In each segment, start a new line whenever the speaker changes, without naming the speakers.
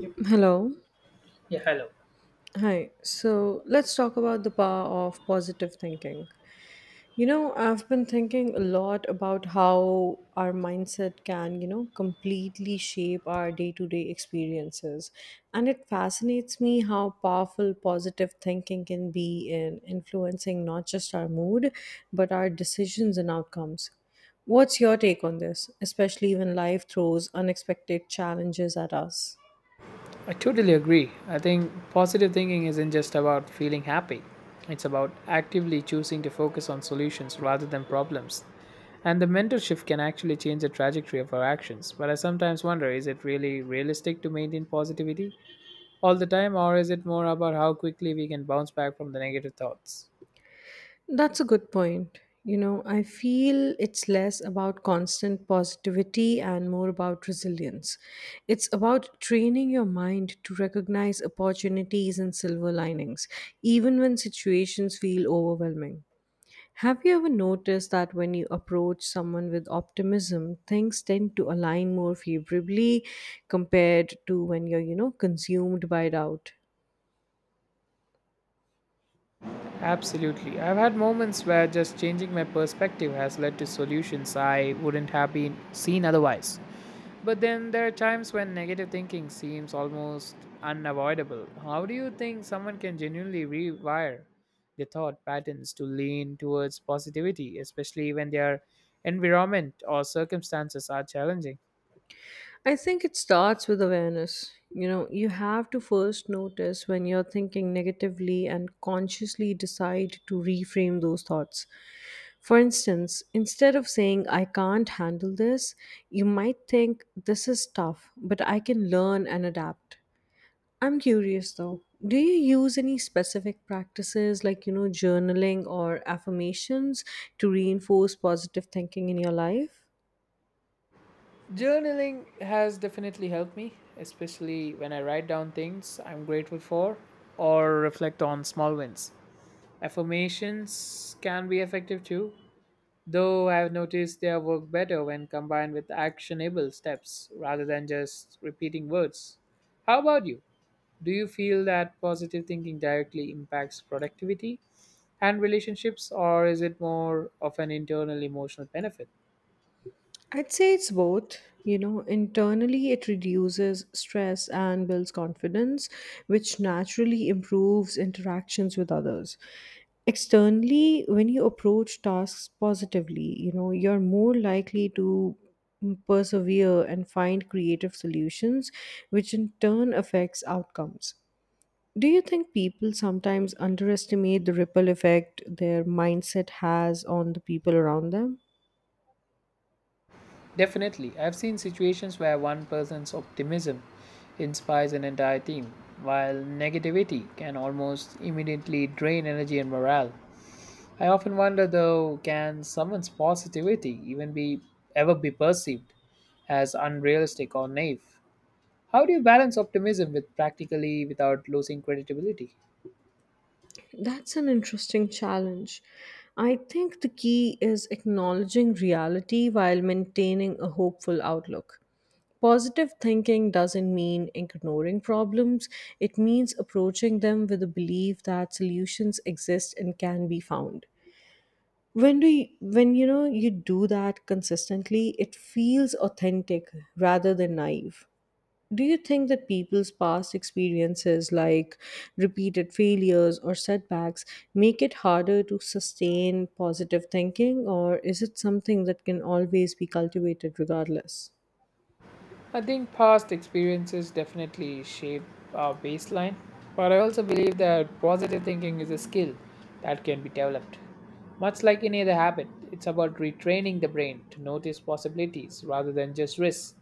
Yep.
Hello.
Yeah, hello.
Hi. So let's talk about the power of positive thinking. I've been thinking a lot about how our mindset can, completely shape our day to day experiences. And it fascinates me how powerful positive thinking can be in influencing not just our mood, but our decisions and outcomes. What's your take on this, especially when life throws unexpected challenges at us?
I totally agree. I think positive thinking isn't just about feeling happy. It's about actively choosing to focus on solutions rather than problems. And the mental shift can actually change the trajectory of our actions. But I sometimes wonder, is it really realistic to maintain positivity all the time, or is it more about how quickly we can bounce back from the negative thoughts?
That's a good point. I feel it's less about constant positivity and more about resilience. It's about training your mind to recognize opportunities and silver linings, even when situations feel overwhelming. Have you ever noticed that when you approach someone with optimism, things tend to align more favorably compared to when you're, consumed by doubt?
Absolutely. I've had moments where just changing my perspective has led to solutions I wouldn't have been seen otherwise. But then there are times when negative thinking seems almost unavoidable. How do you think someone can genuinely rewire their thought patterns to lean towards positivity, especially when their environment or circumstances are challenging?
I think it starts with awareness. You have to first notice when you're thinking negatively and consciously decide to reframe those thoughts. For instance, instead of saying, "I can't handle this," you might think, "This is tough, but I can learn and adapt." I'm curious though, do you use any specific practices like, journaling or affirmations to reinforce positive thinking in your life?
Journaling has definitely helped me, especially when I write down things I'm grateful for or reflect on small wins. Affirmations can be effective too, though I've noticed their work better when combined with actionable steps rather than just repeating words. How about you? Do you feel that positive thinking directly impacts productivity and relationships, or is it more of an internal emotional benefit?
I'd say it's both. Internally, it reduces stress and builds confidence, which naturally improves interactions with others. Externally, when you approach tasks positively, you're more likely to persevere and find creative solutions, which in turn affects outcomes. Do you think people sometimes underestimate the ripple effect their mindset has on the people around them?
Definitely. I've seen situations where one person's optimism inspires an entire team, while negativity can almost immediately drain energy and morale. I often wonder though, can someone's positivity even be ever be perceived as unrealistic or naive? How do you balance optimism with practically without losing credibility?
That's an interesting challenge. I think the key is acknowledging reality while maintaining a hopeful outlook. Positive thinking doesn't mean ignoring problems, it means approaching them with a belief that solutions exist and can be found. When you know you do that consistently, it feels authentic rather than naive. Do you think that people's past experiences, like repeated failures or setbacks, make it harder to sustain positive thinking, or is it something that can always be cultivated regardless?
I think past experiences definitely shape our baseline, but I also believe that positive thinking is a skill that can be developed. Much like any other habit, it's about retraining the brain to notice possibilities rather than just risks.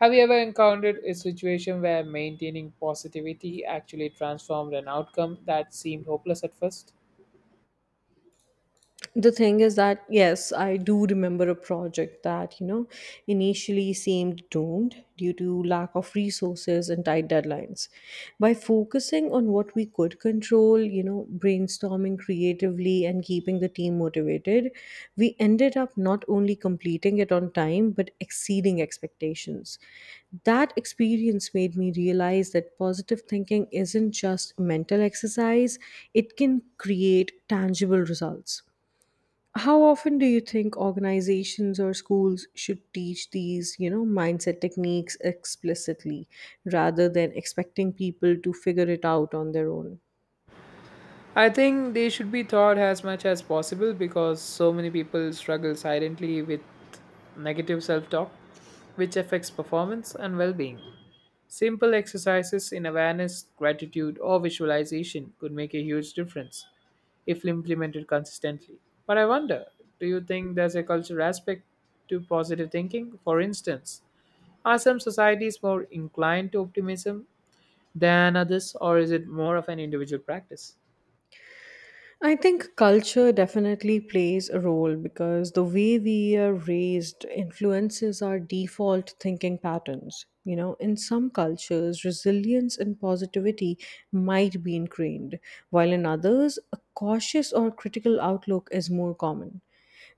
Have you ever encountered a situation where maintaining positivity actually transformed an outcome that seemed hopeless at first?
The thing is that yes, I do remember a project that, initially seemed doomed due to lack of resources and tight deadlines. By focusing on what we could control, brainstorming creatively and keeping the team motivated, we ended up not only completing it on time but exceeding expectations. That experience made me realize that positive thinking isn't just mental exercise, it can create tangible results. How often do you think organizations or schools should teach these, mindset techniques explicitly rather than expecting people to figure it out on their own?
I think they should be taught as much as possible because so many people struggle silently with negative self talk, which affects performance and well being. Simple exercises in awareness, gratitude, or visualization could make a huge difference if implemented consistently. But I wonder, do you think there's a cultural aspect to positive thinking? For instance, are some societies more inclined to optimism than others, or is it more of an individual practice?
I think culture definitely plays a role because the way we are raised influences our default thinking patterns. In some cultures, resilience and positivity might be ingrained, while in others, a cautious or critical outlook is more common.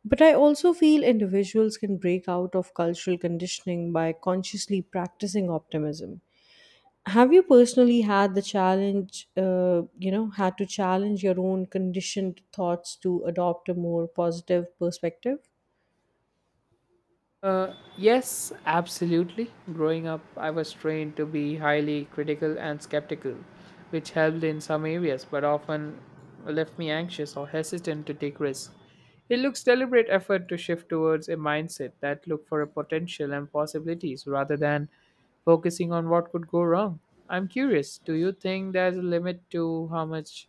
But I also feel individuals can break out of cultural conditioning by consciously practicing optimism. Have you personally had the challenge, had to challenge your own conditioned thoughts to adopt a more positive perspective?
Yes, absolutely. Growing up, I was trained to be highly critical and skeptical, which helped in some areas but often left me anxious or hesitant to take risks. It looks deliberate effort to shift towards a mindset that look for a potential and possibilities rather than focusing on what could go wrong. I'm curious, do you think there's a limit to how much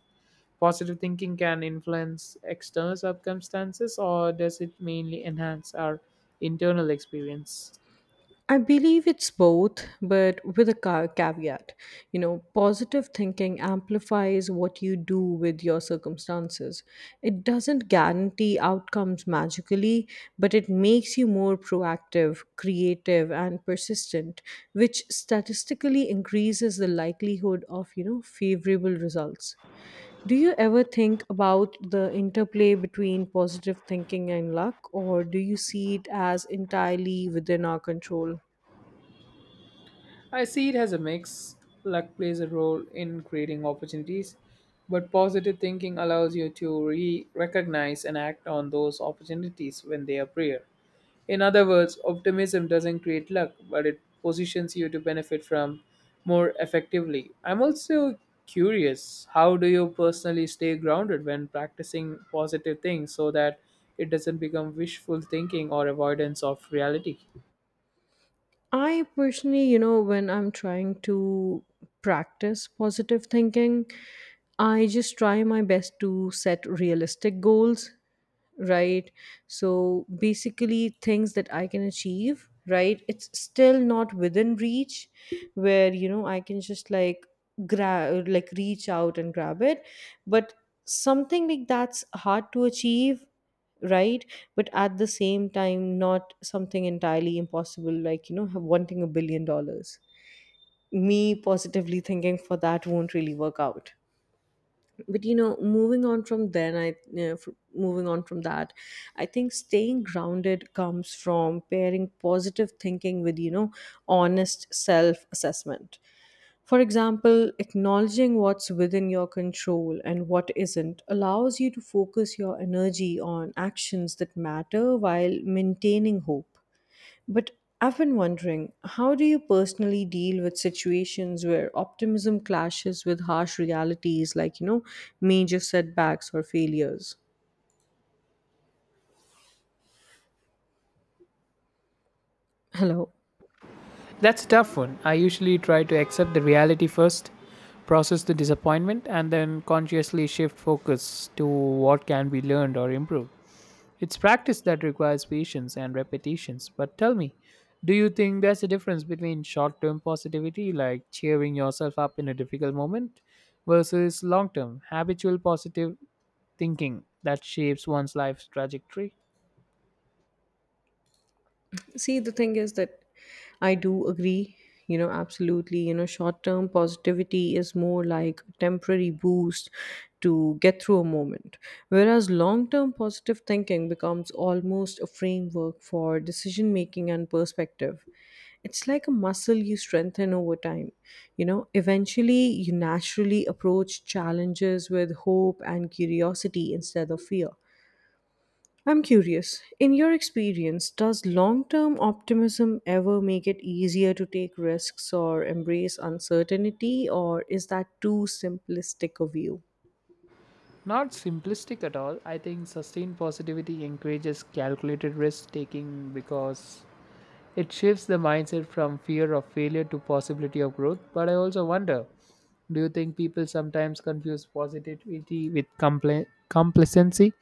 positive thinking can influence external circumstances, or does it mainly enhance our internal experience?
I believe it's both, but with a caveat. Positive thinking amplifies what you do with your circumstances. It doesn't guarantee outcomes magically, but it makes you more proactive, creative, and persistent, which statistically increases the likelihood of, favorable results. Do you ever think about the interplay between positive thinking and luck, or do you see it as entirely within our control?
I see it as a mix. Luck plays a role in creating opportunities, but positive thinking allows you to recognize and act on those opportunities when they appear. In other words, optimism doesn't create luck, but it positions you to benefit from more effectively. I'm also curious, how do you personally stay grounded when practicing positive things so that it doesn't become wishful thinking or avoidance of reality?
I personally, when I'm trying to practice positive thinking, I just try my best to set realistic goals, right? So basically, things that I can achieve, right? It's still not within reach where, I can just like grab, like reach out and grab it. But something like that's hard to achieve, right? But at the same time, not something entirely impossible, like wanting $1 billion. Me positively thinking for that won't really work out. But moving on from then, I you know, fr- moving on from that, I think staying grounded comes from pairing positive thinking with, honest self assessment. For example, acknowledging what's within your control and what isn't allows you to focus your energy on actions that matter while maintaining hope. But I've been wondering, how do you personally deal with situations where optimism clashes with harsh realities, like, major setbacks or failures? Hello.
That's a tough one. I usually try to accept the reality first, process the disappointment, and then consciously shift focus to what can be learned or improved. It's practice that requires patience and repetitions. But tell me, do you think there's a difference between short term positivity, like cheering yourself up in a difficult moment, versus long term, habitual positive thinking that shapes one's life's trajectory?
See, the thing is that I do agree, absolutely. Short term positivity is more like a temporary boost to get through a moment, whereas long term positive thinking becomes almost a framework for decision making and perspective. It's like a muscle you strengthen over time. Eventually, you naturally approach challenges with hope and curiosity instead of fear. I'm curious, in your experience, does long term optimism ever make it easier to take risks or embrace uncertainty, or is that too simplistic a view?
Not simplistic at all. I think sustained positivity encourages calculated risk taking because it shifts the mindset from fear of failure to possibility of growth. But I also wonder, do you think people sometimes confuse positivity with complacency?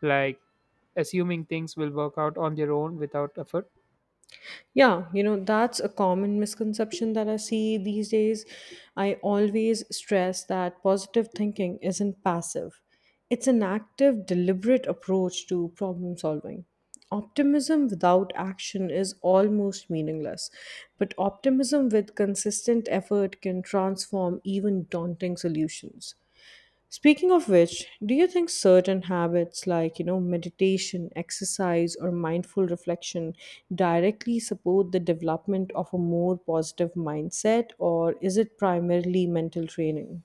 Like assuming things will work out on their own without effort?
Yeah, that's a common misconception that I see these days. I always stress that positive thinking isn't passive, it's an active, deliberate approach to problem solving. Optimism without action is almost meaningless, but optimism with consistent effort can transform even daunting solutions. Speaking of which, do you think certain habits like, meditation, exercise, or mindful reflection directly support the development of a more positive mindset, or is it primarily mental training?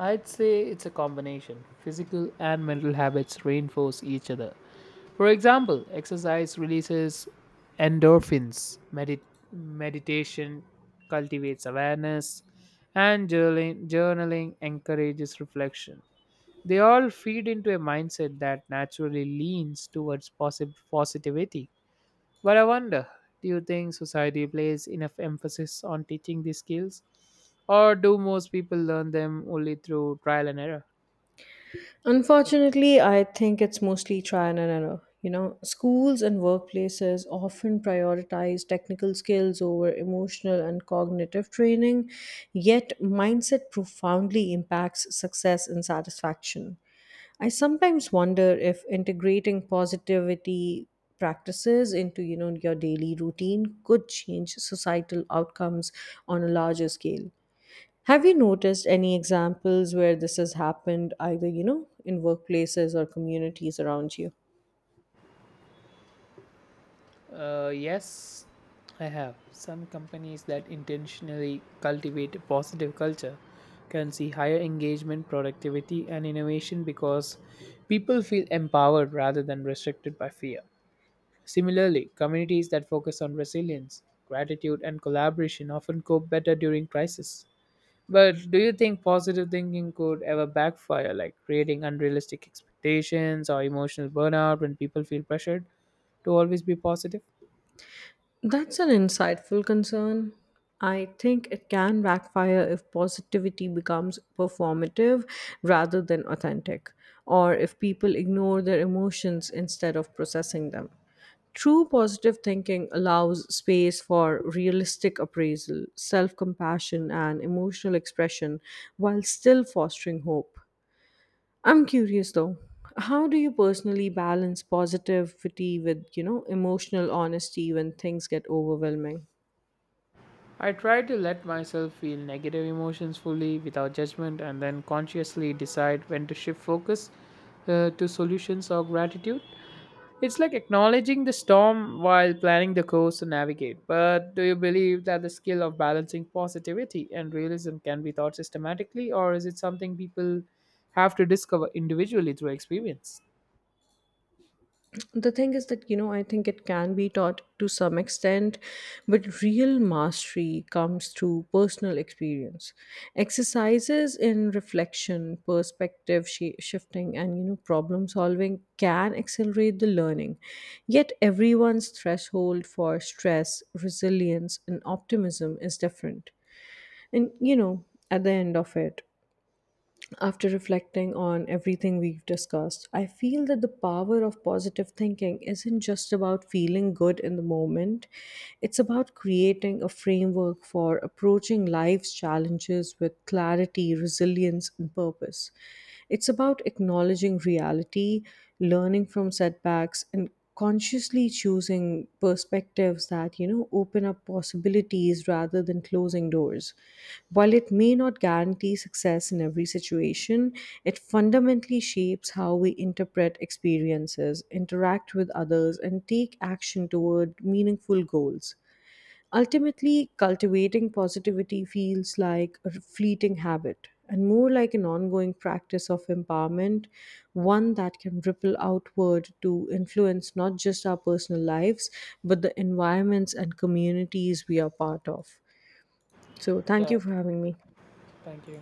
I'd say it's a combination. Physical and mental habits reinforce each other. For example, exercise releases endorphins, meditation cultivates awareness, and journaling encourages reflection. They all feed into a mindset that naturally leans towards positivity. But I wonder, do you think society plays enough emphasis on teaching these skills? Or do most people learn them only through trial and error?
Unfortunately, I think it's mostly trial and error. Schools and workplaces often prioritize technical skills over emotional and cognitive training, yet mindset profoundly impacts success and satisfaction. I sometimes wonder if integrating positivity practices into, your daily routine could change societal outcomes on a larger scale. Have you noticed any examples where this has happened, either, in workplaces or communities around you?
Yes, I have. Some companies that intentionally cultivate a positive culture can see higher engagement, productivity, and innovation because people feel empowered rather than restricted by fear. Similarly, communities that focus on resilience, gratitude, and collaboration often cope better during crisis. But do you think positive thinking could ever backfire, like creating unrealistic expectations or emotional burnout when people feel pressured to always be positive?
That's an insightful concern. I think it can backfire if positivity becomes performative rather than authentic, or if people ignore their emotions instead of processing them. True positive thinking allows space for realistic appraisal, self compassion, and emotional expression while still fostering hope. I'm curious though. How do you personally balance positivity with, emotional honesty when things get overwhelming?
I try to let myself feel negative emotions fully without judgment and then consciously decide when to shift focus, to solutions or gratitude. It's like acknowledging the storm while planning the course to navigate. But do you believe that the skill of balancing positivity and realism can be taught systematically, or is it something people have to discover individually through experience?
The thing is that, I think it can be taught to some extent, but real mastery comes through personal experience. Exercises in reflection, perspective shifting, and, problem solving can accelerate the learning. Yet everyone's threshold for stress, resilience, and optimism is different. And, at the end of it, after reflecting on everything we've discussed, I feel that the power of positive thinking isn't just about feeling good in the moment, it's about creating a framework for approaching life's challenges with clarity, resilience, and purpose. It's about acknowledging reality, learning from setbacks, and consciously choosing perspectives that, open up possibilities rather than closing doors. While it may not guarantee success in every situation, it fundamentally shapes how we interpret experiences, interact with others, and take action toward meaningful goals. Ultimately, cultivating positivity feels like a fleeting habit and more like an ongoing practice of empowerment, one that can ripple outward to influence not just our personal lives, but the environments and communities we are part of. So, thank
Yeah,
you for having me.
thank you.